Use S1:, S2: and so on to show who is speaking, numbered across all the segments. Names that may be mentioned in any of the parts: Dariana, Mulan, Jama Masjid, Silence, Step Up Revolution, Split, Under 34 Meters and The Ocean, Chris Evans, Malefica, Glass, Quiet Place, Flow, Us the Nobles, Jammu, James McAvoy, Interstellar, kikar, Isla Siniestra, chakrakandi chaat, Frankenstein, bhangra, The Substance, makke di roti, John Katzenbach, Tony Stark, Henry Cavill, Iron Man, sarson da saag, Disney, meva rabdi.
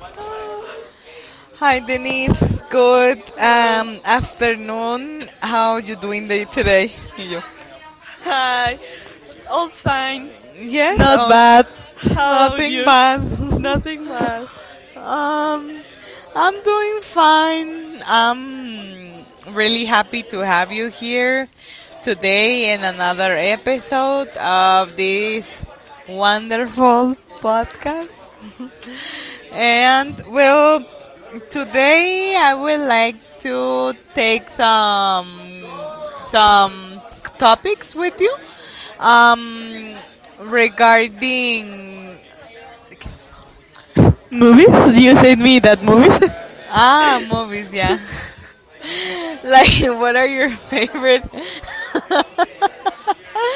S1: Ah,
S2: Hi Denise, good
S1: hello.
S2: afternoon. How you doing day today? You?
S1: Hi. All fine.
S2: Yes,
S1: Not
S2: oh,
S1: bad. How about
S2: nothing
S1: you?
S2: bad.
S1: Nothing bad.
S2: Um, I'm doing fine. I'm really happy to have you here today in another episode of this wonderful podcast. And well, today I would like to take some topics with you um, regarding.
S1: Movies? You said me that movies?
S2: Ah, movies, yeah. Like, what are your favorite,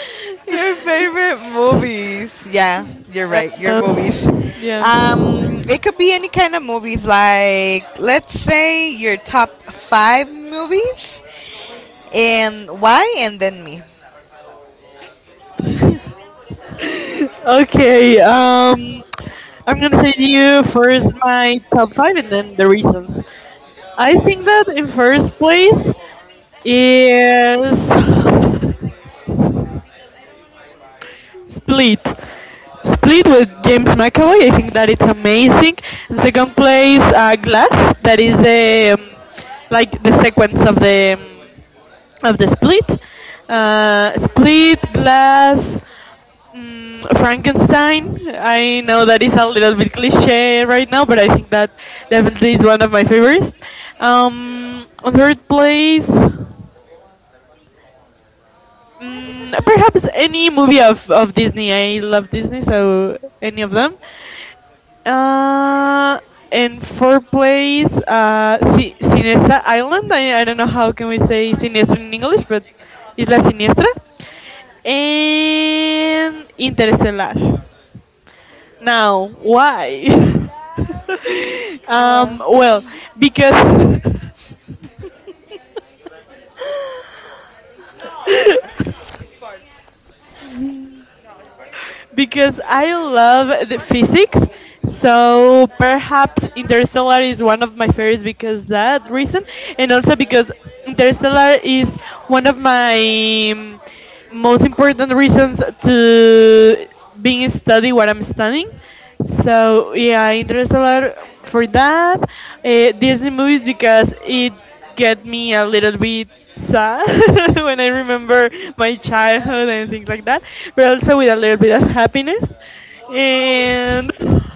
S2: your favorite movies? Yeah, you're
S1: Uh,
S2: right. Your movies.
S1: yeah.
S2: It could be any kind of movies. Like, let's say your top five movies, and why, and then me.
S1: Okay, I'm gonna tell you first my top five and then the reasons. I think that in first place is Split. Split with James McAvoy. I think that it's amazing. And second place, Glass. That is the like the sequence of the of the Split. Split, Glass, Frankenstein. I know that is a little bit cliche right now, but I think that definitely is one of my favorites. On third place. Perhaps any movie of Disney. I love Disney, so any of them. Uh, and for place, Siniestra Island. I don't know how can we say Siniestra in English, but Isla Siniestra. And Interstellar. Now, why?
S2: Well.
S1: Well, because because I love the physics. So perhaps Interstellar is one of my favorites because that reason, and also because Interstellar is one of my most important reasons to being study what I'm studying. So yeah, Interstellar for that. Disney movies because it get me a little bit sad when I remember my childhood and things like that, but also with a little bit of happiness. And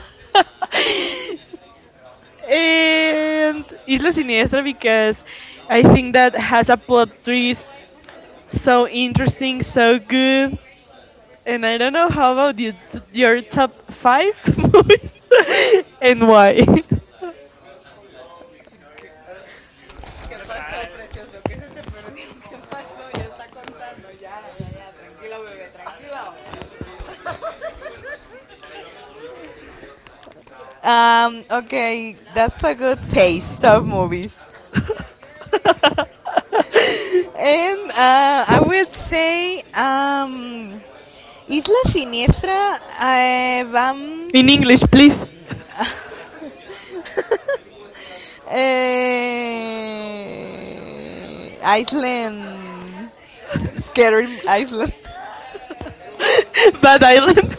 S1: and Isla Siniestra because I think that has a plot twist so interesting, so good. And I don't know how about you, your top five movies and why.
S2: Okay, that's a good taste of movies. And I would say Isla Siniestra van
S1: In English, please.
S2: Iceland, Scary Island.
S1: Bad Island.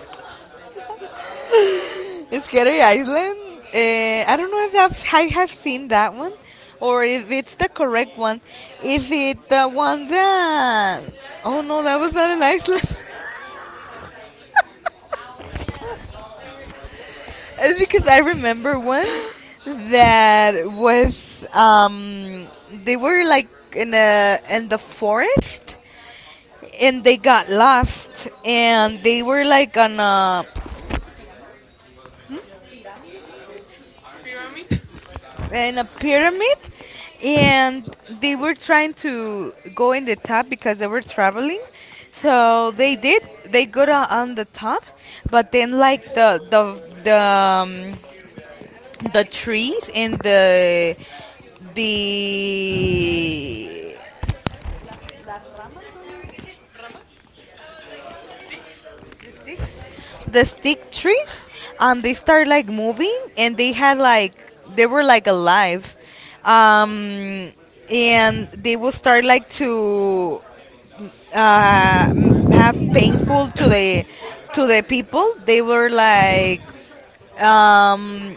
S2: Scary Island. I don't know if that's I have seen that one, or if it's the correct one. Is it the one that? Oh no, that was not an Iceland. It's because I remember one that was they were like in a in the forest, and they got lost and they were like on a
S1: Hmm? Pyramid?
S2: in a pyramid, and they were trying to go in the top because they were traveling, so they did, they got on the top, but then like the the trees and the the sticks, the stick trees, and they start like moving and they had like they were like alive, um and they will start like to have painful to the people, they were like um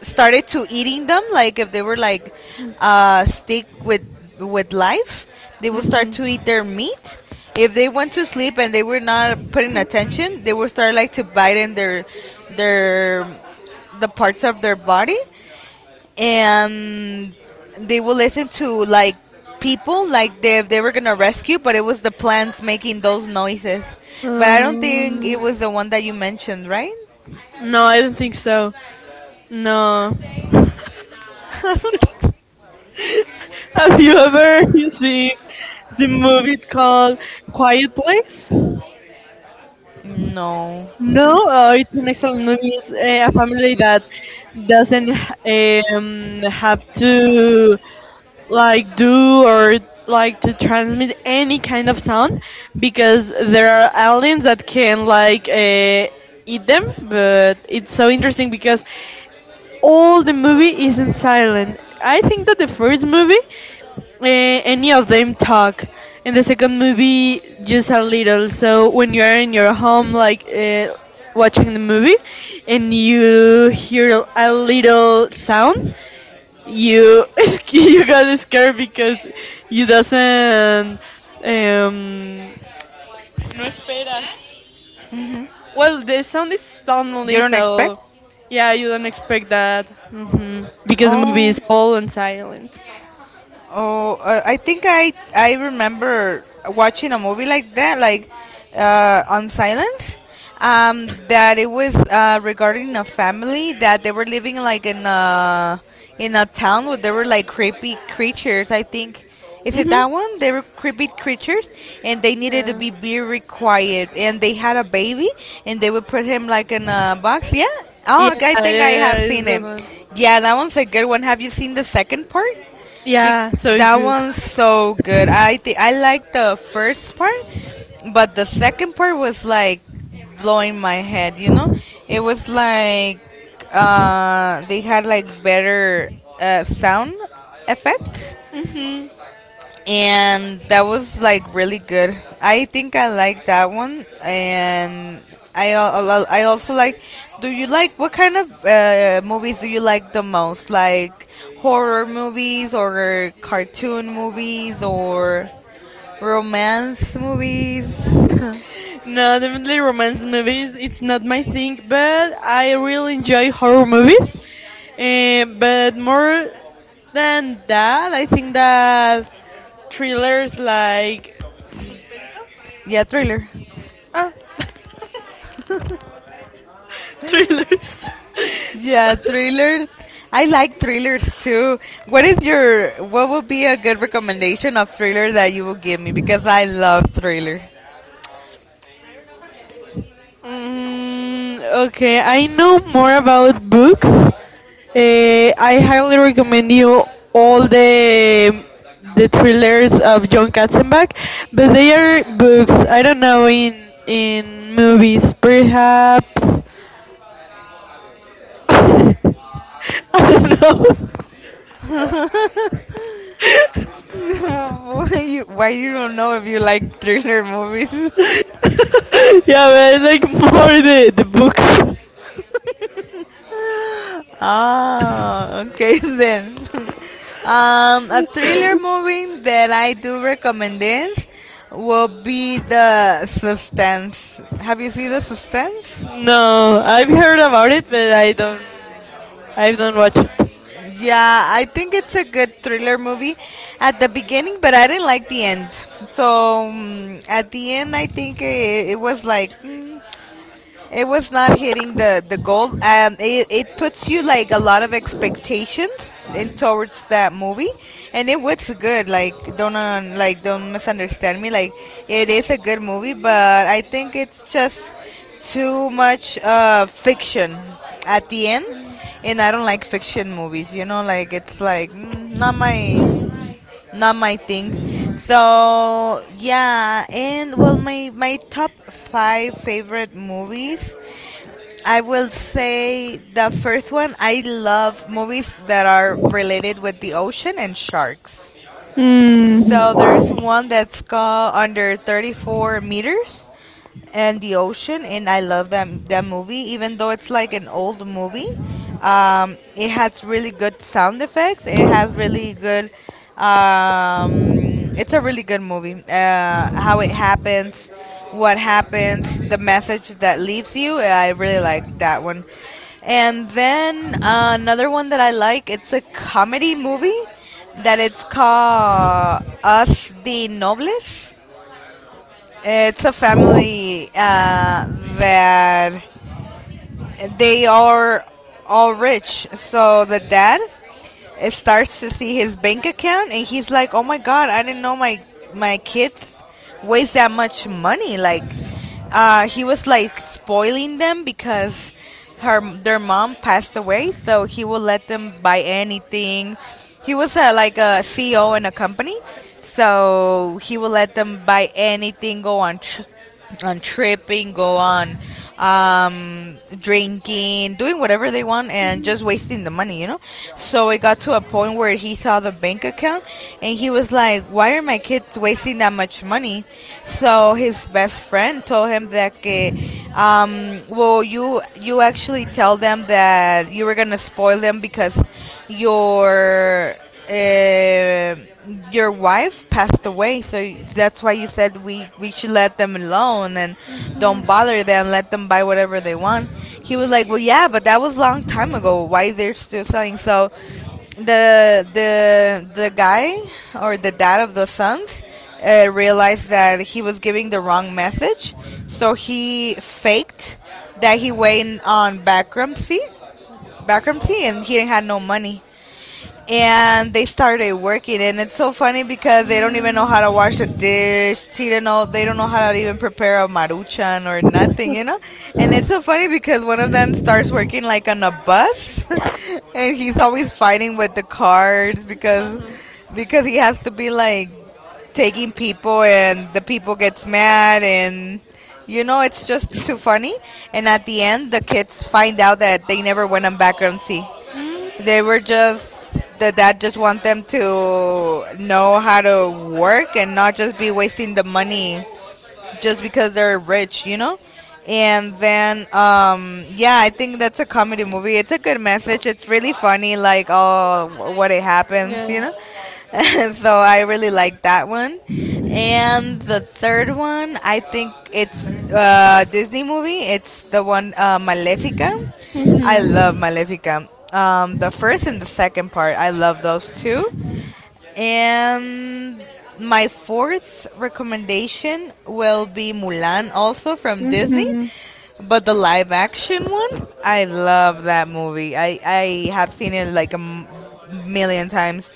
S2: started to eating them like if they were like stick with life, they will start
S1: Mhm.
S2: to eat their meat if they went to sleep and they were not putting attention, they will start like to bite in their the parts of their body, and they will listen to like people like they, if they were gonna rescue, but it was the plants making those noises. But I don't think it
S1: Um,
S2: was the one that you mentioned, right?
S1: no, I don't think so. No.
S2: I don't think.
S1: Have you ever seen the movie called Quiet Place?
S2: No.
S1: No, it's an excellent movie. It's a family that doesn't have to like do or like to transmit any kind of sound because there are aliens that can like eat them. But it's so interesting because all the movie is in silent. I think that the first movie any of them talk. In the second movie, just a little. So when you are in your home, like watching the movie, and you hear a little sound, you you got scared because you doesn't. Um, no esperas. Well, the sound is
S2: You
S1: suddenly,
S2: don't expect?
S1: so yeah, you don't expect that. Because the movie is
S2: Oh,
S1: all and silent.
S2: oh, I think I remember watching a movie like that, like on Silence. That it was regarding a family that they were living like in a town where there were like creepy creatures. I think is it
S1: Hmm.
S2: that one? They were creepy creatures, and they needed to
S1: Yeah.
S2: be very quiet. And they had a baby, and they would put him like in a box. Yeah.
S1: Yeah,
S2: Oh, okay, I
S1: yeah,
S2: think I
S1: yeah,
S2: have
S1: it's
S2: seen
S1: the
S2: it.
S1: one.
S2: Yeah, that one's a good one. Have you seen the second part?
S1: Yeah, so
S2: That
S1: good.
S2: one's so good. I like the first part, but the second part was like blowing my head. You know, it was like they had like better sound effects,
S1: Mhm.
S2: and that was like really good. I think I like that one, and I also like. Do you like what kind of movies do you like the most? Like horror movies or cartoon movies or romance movies?
S1: No, definitely romance movies. It's not my thing, but I really enjoy horror movies. But more than that, I think that thrillers like
S2: Yeah, thriller.
S1: ah, thrillers.
S2: Yeah, thrillers. I like thrillers too. What is your what would be a good recommendation of thriller that you will give me because I love thriller.
S1: Okay, I know more about books. I highly recommend you all the thrillers of John Katzenbach, but they are books. I don't know in movies, perhaps. I don't know.
S2: Why you why you don't know if you like thriller movies?
S1: Yeah, but I like more the books.
S2: Ah, okay then. A thriller movie that I do recommend is will be the Substance. Have you seen the Substance?
S1: No, I've heard about it, but I don't. I don't watch it.
S2: Yeah, I think it's a good thriller movie at the beginning, but I didn't like the end. So at the end, I think it was like. It was not hitting the goal. It it puts you like a lot of expectations in towards that movie, and it was good. Like don't un, like don't misunderstand me. Like it is a good movie, but I think it's just too much fiction at the end, and I don't like fiction movies. You know, like it's like not my not my thing. So yeah, and well, my top five favorite movies. I will say the first one. I love movies that are related with the ocean and sharks.
S1: Hmm.
S2: So there's one that's called Under 34 Meters and The Ocean, and I love that movie. Even though it's like an old movie, it has really good sound effects. It has really good. Um, it's a really good movie. How it happens, what happens, the message that leaves you. I really like that one. And then another one that I like. It's a comedy movie that it's called Us the Nobles. It's a family that they are all rich. So the dad starts to see his bank account and he's like, "Oh my god, I didn't know my my kids waste that much money." Like he was like spoiling them because her their mom passed away, so he would let them buy anything. He was a, like a CEO in a company, so he would let them buy anything, go on on tripping, go on drinking, doing whatever they want, and just wasting the money, you know? So it got to a point where he saw the bank account and he was like, why are my kids wasting that much money? So his best friend told him that, que, well, you actually tell them that you were going to spoil them because your uh, your wife passed away, so that's why you said we should let them alone and don't bother them, let them buy whatever they want. He was like well yeah, but that was a long time ago, why they're still selling? So the guy or the dad of the sons realized that he was giving the wrong message, so he faked that he went on bankruptcy and he didn't have no money, and they started working, and it's so funny because they don't even know how to wash a dish, she don't know, they don't know how to even prepare a maruchan or nothing, you know. And it's so funny because one of them starts working like on a bus, and he's always fighting with the cards, because he has to be like taking people and the people gets mad, and you know it's just too funny. And at the end the kids find out that they never went on background, see,
S1: Mm.
S2: they were just the dad just want them to know how to work and not just be wasting the money just because they're rich, you know? And then, yeah, I think that's a comedy movie. It's a good message. It's really funny, like, oh, what it happens,
S1: Yeah.
S2: you know? So I really like that one. And the third one, I think it's Disney movie. It's the one, Malefica. I love
S1: Mm-hmm.
S2: Malefica. The first and the second part, I love those two. And my fourth recommendation will be Mulan, also from Disney,
S1: Mm-hmm.
S2: but the live action one. I love that movie. I have seen it like million times.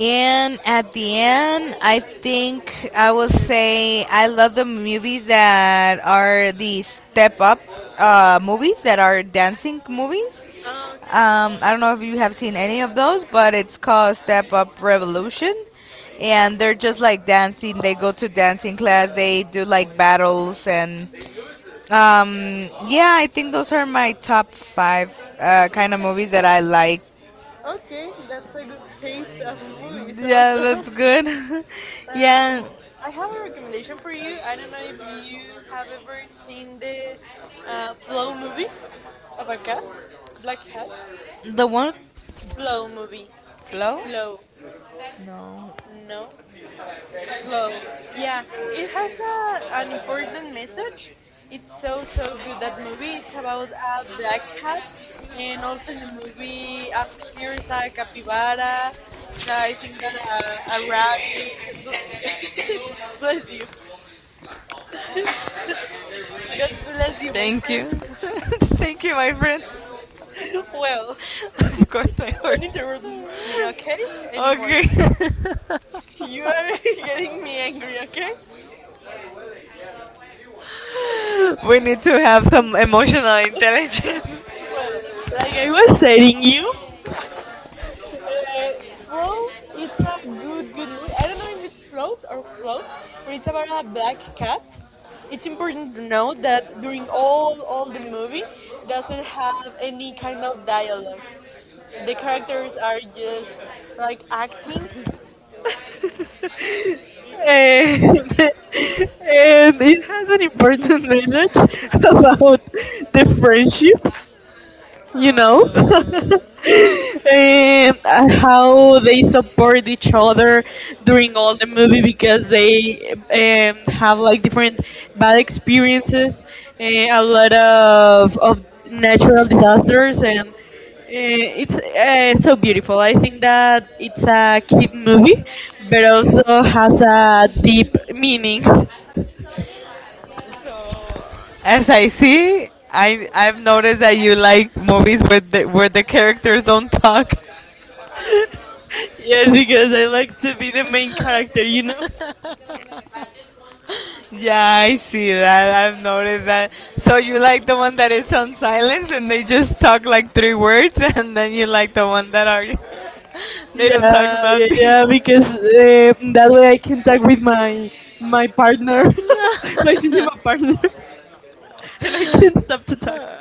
S2: And at the end, I think I will say I love the movies that are the step up movies that are dancing movies. I don't know if you have seen any of those, but it's called Step Up Revolution. And they're just like dancing. They go to dancing class. They do like battles and yeah, I think those are my top five kind of movies that I like.
S1: Okay, that's a good taste of movies
S2: Yeah,
S1: also.
S2: that's good.
S1: Um,
S2: Yeah.
S1: I have a recommendation for you. I don't know if you have ever seen the Flow movie. Of a cat? Black cat?
S2: The one
S1: Flow movie.
S2: flow?
S1: Flow.
S2: No.
S1: No? Flow. Yeah, it has a, an important message. It's so, so good, that movie. It's about a black cat. And also in the movie appears a capybara. I think that a rabbit. bl- Bless you. God bless you, my
S2: Thank you.
S1: friend.
S2: Thank you, my friend.
S1: Well,
S2: Of course, my
S1: don't
S2: horse.
S1: interrupt me, okay? Anymore.
S2: Okay.
S1: You are getting me angry, okay?
S2: We need to have some emotional intelligence.
S1: Like I was telling you, uh, flow. It's a good, good movie. I don't know if it's flows or flow, but it's about a black cat. It's important to know that during all the movie doesn't have any kind of dialogue. The characters are just like acting. And and it has an important message about the friendship you know and how they support each other during all the movie because they have like different bad experiences and a lot of natural disasters and it's so beautiful. I think that it's a kid movie but also has a deep meaning.
S2: As I see, I've noticed that you like movies where the characters don't talk.
S1: Yes, because I like to be the main character, you know.
S2: Yeah, I see that. I've noticed that. So you like the one that is on silence and they just talk like three words, and then you like the one that are they don't talk
S1: Yeah, yeah,
S2: nothing.
S1: yeah, because that way I can talk with my my partner, my cinema partner, and I can't stop to talk.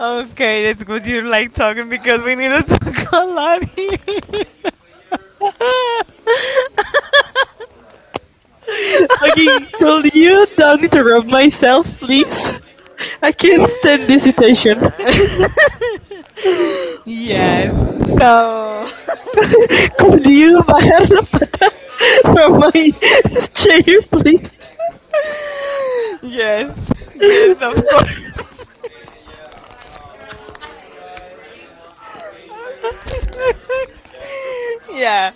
S2: Okay, that's good. You like talking because we need to talk a lot here.
S1: Okay, could you don't interrupt myself, please? I can't stand this situation.
S2: Yes. So.
S1: Could you bajar la pata from my chair, please?
S2: Yes. Yes, of course. Yeah.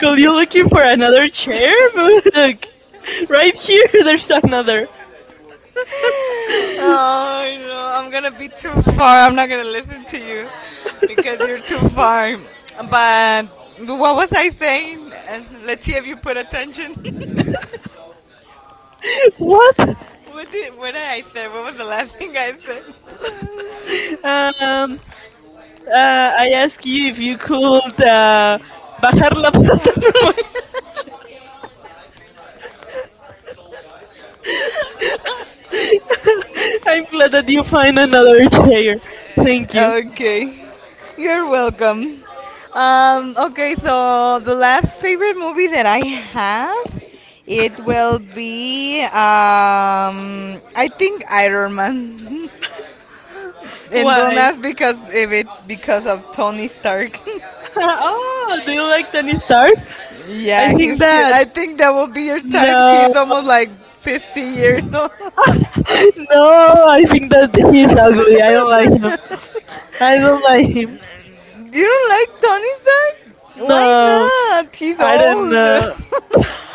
S1: Could you
S2: Yeah.
S1: looking for another chair? Look, right here, there's another.
S2: Oh, no, I'm gonna be too far. I'm not gonna listen to you because you're too far. But what was I saying? Let's see if you put attention.
S1: What?
S2: What did I say? What was the last thing I said?
S1: Um, I asked you if you could bajar la plataforma. I'm glad that you find another chair. Thank you.
S2: Okay, you're welcome. Okay, so the last favorite movie that I have, it will be I think Iron Man. And don't
S1: Why?
S2: ask because if it because of Tony Stark.
S1: Oh, do you like Tony Stark? I
S2: Yeah,
S1: think
S2: he's cute.
S1: that
S2: I think that will be your type.
S1: no,
S2: He's almost like 50 years old.
S1: no. I think that he's ugly. I don't like him. I don't like him.
S2: You don't like Tony Stark?
S1: No.
S2: Why not? He's
S1: I don't
S2: old.
S1: know.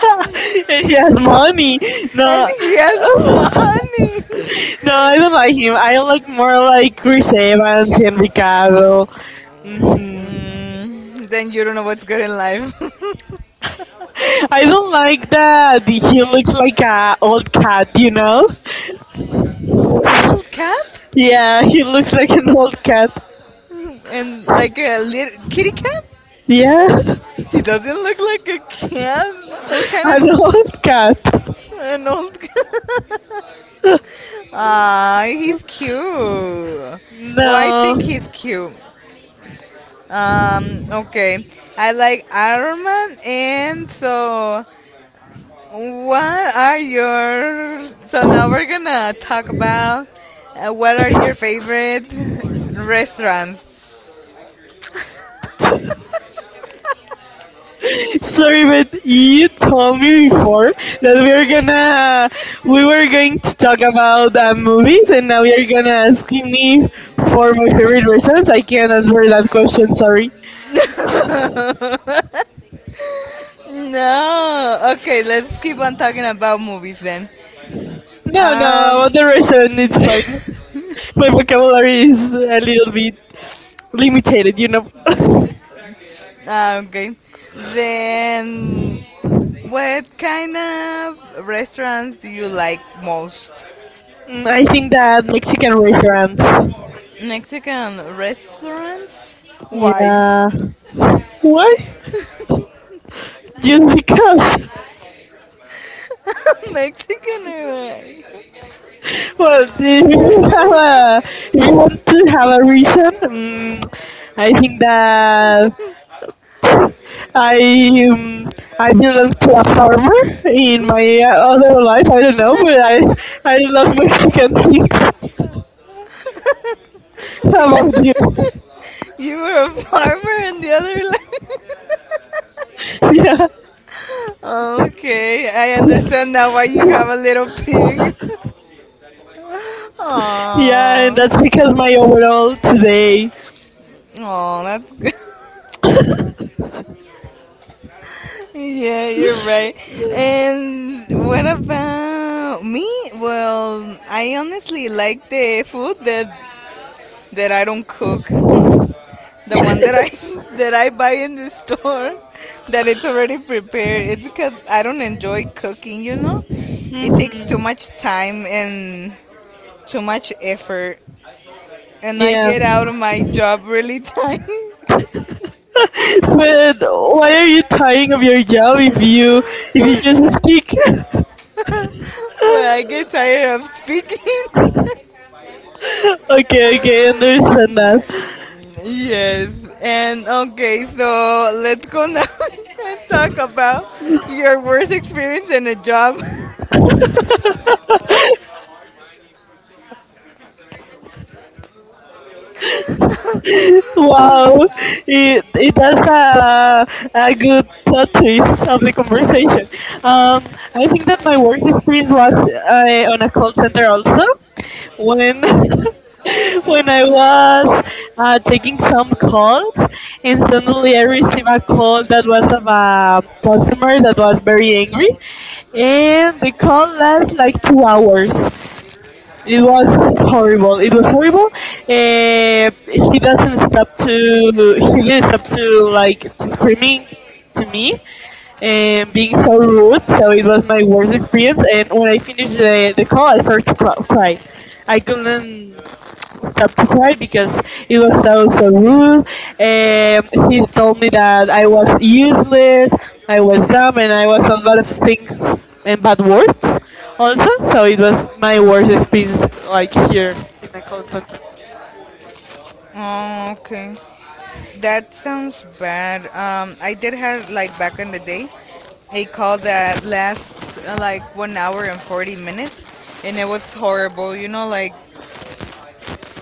S1: He has money.
S2: And
S1: No.
S2: he has money.
S1: No, I don't like him. I like more like Chris Evans, Henry Cavill. Hmm.
S2: Mm, then you don't know what's good in life.
S1: I don't like that he looks like a old cat, you know?
S2: An old cat?
S1: Yeah, he looks like an old cat.
S2: And like a little kitty cat?
S1: Yeah,
S2: He doesn't look like a cat. What kind
S1: an old
S2: of
S1: cat.
S2: an old cat? Ah, he's cute. Well, I think he's
S1: No.
S2: cute. Okay. I like Iron Man, and so What are your so now we're gonna talk about what are your favorite restaurants?
S1: So even you told me before that we are gonna we were going to talk about movies, and now you're gonna ask me for my favorite reasons. I can't answer that question. Sorry.
S2: No, okay, let's keep on talking about movies then.
S1: No, no,
S2: Um,
S1: about the reason it's fine. My vocabulary is a little bit limited, you know.
S2: ah, okay, then what kind of restaurants do you like most?
S1: I think that Mexican restaurants.
S2: Mexican restaurants? Why?
S1: Yeah. Why? Just because.
S2: Mexican or what?
S1: Well, do you have a you want to have a reason? I think that I um, I belong to a farmer in my other life. I don't know, but I love Mexican things. How about you?
S2: You were a farmer and the other like
S1: Yeah,
S2: okay, I understand now why you have a little pig.
S1: yeah, and that's
S2: Aww.
S1: because my overall today.
S2: Aww, that's good. Yeah, you're right. And what about me? Well, I honestly like the food that I don't cook. The one that I that I buy in the store that it's already prepared. It's because I don't enjoy cooking, you know? It takes too
S1: Hmm.
S2: much time and too much effort. And I
S1: Yeah,
S2: get out of my job really time.
S1: but why are you tiring of your job if you just speak?
S2: Well, I get tired of speaking.
S1: Okay, okay, I understand that.
S2: Yes. And okay, so let's go now and talk about your worst experience in a job.
S1: Wow, it has a good plot twist of the conversation. Um, I think that my work experience was on a call center also when. When I was taking some calls, and suddenly I received a call that was of a customer that was very angry, and the call lasted like 2 hours. It was horrible. It was horrible. He didn't stop to like to screaming to me and being so rude. So it was my worst experience. And when I finished the call, I started to cry. I couldn't stop to cry because it was so so rude. Um, he told me that I was useless, I was dumb, and I was a lot of things and bad words also. So it was my worst experience like here in a call center.
S2: Oh, okay. That sounds bad. I did have like back in the day a call that lasts like 1 hour and 40 minutes, and it was horrible. You know, like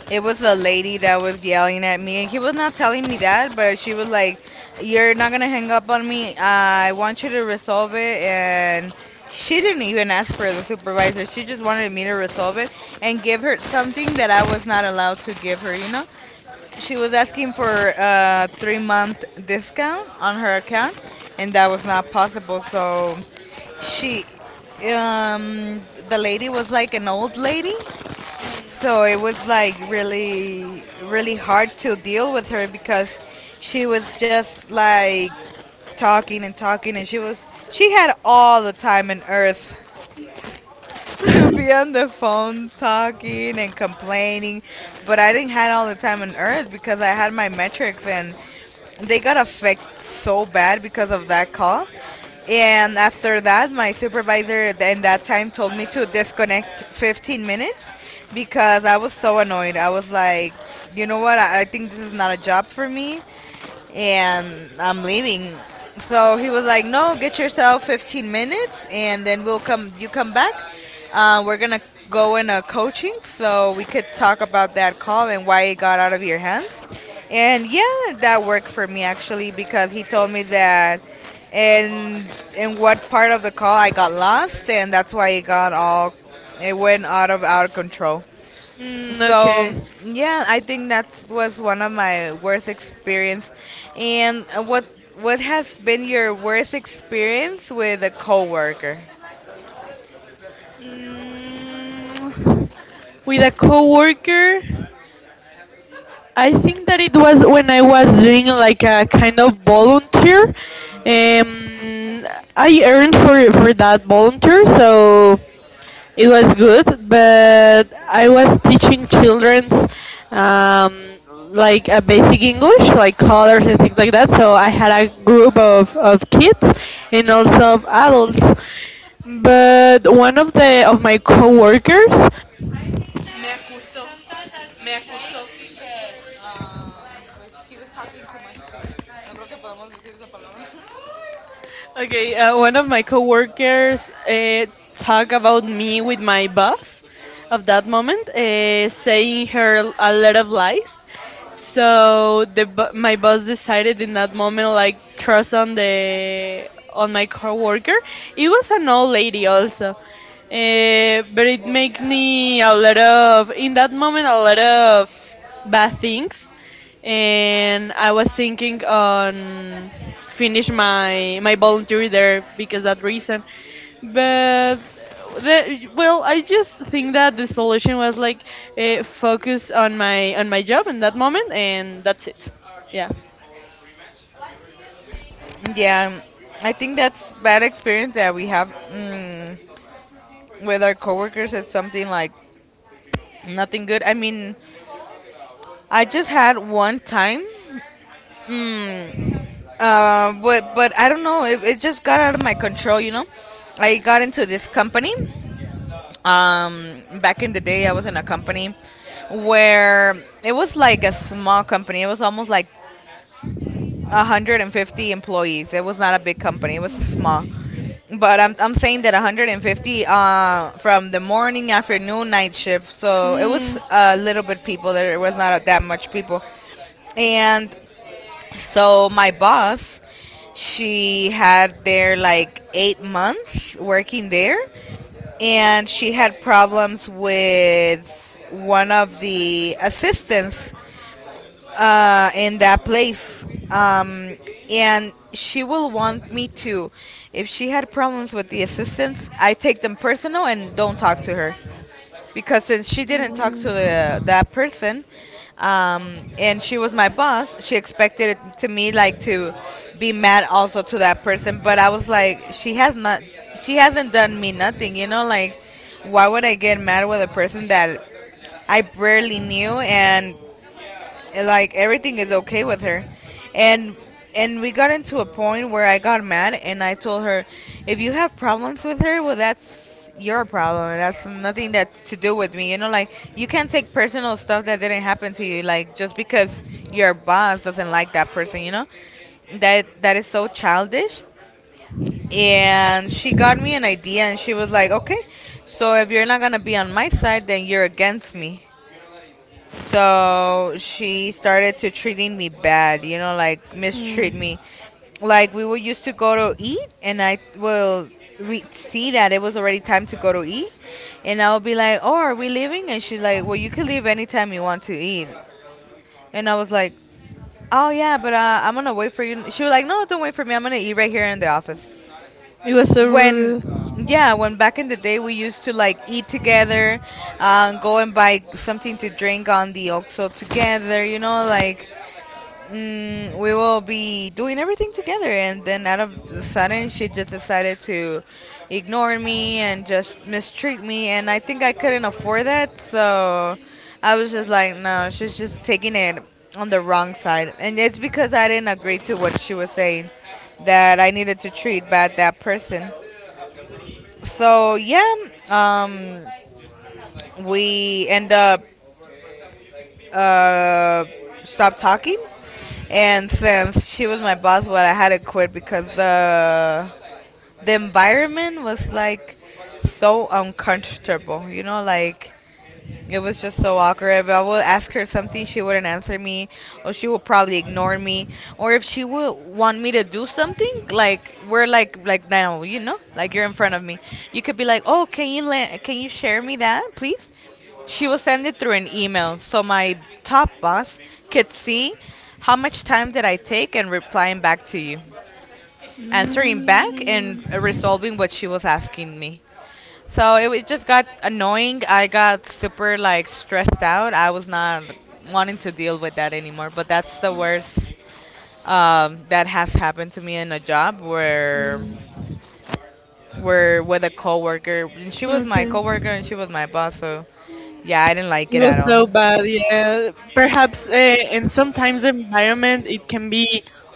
S2: it was a lady that was yelling at me, and he was not telling me that, but she was like, "You're not gonna hang up on me. I want you to resolve it." And she didn't even ask for the supervisor. She just wanted me to resolve it and give her something that I was not allowed to give her. You know, she was asking for a 3 month discount on her account, and that was not possible. So she, um, the lady was like an old lady, so it was like really, really hard to deal with her because she was just like talking and talking, and she had all the time on earth to be on the phone talking and complaining, but I didn't have all the time on earth because I had my metrics and they got affected so bad because of that call. And after that, my supervisor in that time told me to disconnect 15 minutes because I was so annoyed. I was like, you know what? I think this is not a job for me and I'm leaving. So he was like, no, get yourself 15 minutes, and then we'll come. You come back. We're gonna go in a coaching, so we could talk about that call and why it got out of your hands. And yeah, that worked for me actually because he told me that, and in what part of the call I got lost, and that's why it got all, it went out of control. So
S1: Okay.
S2: yeah, I think that was one of my worst experience. And what what has been your worst experience with a coworker?
S1: Mm, with a coworker, I think that it was when I was doing like a kind of volunteer. Um, I earned for that volunteer, so it was good, but I was teaching children's um, like a basic English, like colors and things like that. So I had a group of kids and also of adults. But one of the of my coworkers. Okay, one of my coworkers talked about me with my boss of that moment, saying her a lot of lies. So my boss decided in that moment like trust on the on my coworker. It was an old lady also. But it made me a lot of in that moment a lot of bad things and I was thinking on finish my my voluntary there because that reason. But the, well, I just think that the solution was like focus on my job in that moment, and that's it. Yeah.
S2: Yeah, I think that's bad experience that we have mm, with our coworkers. It's something like nothing good. I mean, I just had one time. Mm, But I don't know. It just got out of my control. You know, I got into this company. Um, Back in the day, I was in a company where it was like a small company. It was almost like 150 employees. It was not a big company. It was small. But I'm saying that 150 from the morning, afternoon, night shift. So it was
S1: Mm.
S2: a little bit people. There was not that much people. And so my boss, she had there like 8 months working there, and she had problems with one of the assistants in that place. And she will want me to, if she had problems with the assistants, I take them personal and don't talk to her because since she didn't talk to the, that person and she was my boss, she expected it to me like to be mad also to that person, but I was like, she hasn't done me nothing, you know, like why would I get mad with a person that I barely knew, like everything is okay with her, and and we got into a point where I got mad and I told her, if you have problems with her, well, that's your problem, that's nothing that's to do with me, you know, like you can't take personal stuff that didn't happen to you, like just because your boss doesn't like that person, you know, that is so childish. And she got me an idea and she was like, okay, so if you're not gonna be on my side, then you're against me. So she started to treating me bad, you know, like mistreat
S1: Mm.
S2: me. Like we would used to go to eat, and I will see that it was already time to go to eat, and I would be like, "Oh, are we leaving?" And she's like, "Well, you can leave anytime you want to eat." And I was like, "Oh yeah, but I'm gonna wait for you." She was like, "No, don't wait for me. I'm gonna eat right here in the office."
S1: It was so
S2: when
S1: rude.
S2: Yeah, when back in the day we used to like eat together, go and buy something to drink on the oxo together, you know, like mm, we will be doing everything together, and then out of the sudden she just decided to ignore me and just mistreat me, and I think I couldn't afford that. So I was just like, no, she's just taking it on the wrong side, and it's because I didn't agree to what she was saying, that I needed to treat bad that person. So yeah, um, we end up uh, stop talking, and since she was my boss, well, I had to quit because the environment was like so uncomfortable. You know, like it was just so awkward. If I would ask her something, she wouldn't answer me, or she would probably ignore me, or if she would want me to do something, like we're like now, you know, like you're in front of me, you could be like, oh, can you share me that, please? She will send it through an email, so my top boss could see how much time did I take in replying back to you, answering back, and
S1: Mm,
S2: resolving what she was asking me. So it just got annoying. I got super like stressed out. I was not wanting to deal with that anymore. But that's the worst that has happened to me in a job where with a coworker. And she was my
S1: okay.
S2: coworker and she was my boss. So yeah, I didn't like
S1: It
S2: it at
S1: was
S2: all.
S1: so bad, yeah. Perhaps, and sometimes the environment it can be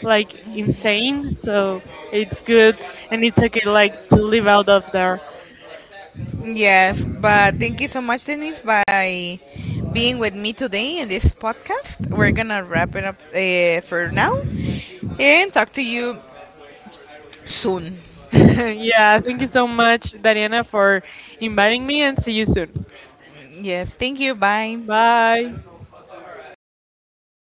S1: like insane, so it's good, and it's okay like to live out of there.
S2: Yes, but thank you so much, Denise, by being with me today in this podcast. We're gonna wrap it up for now and talk to you soon.
S1: Yeah, thank you so much, Dariana, for inviting me, and see you soon.
S2: Yes, thank you. Bye.
S1: Bye.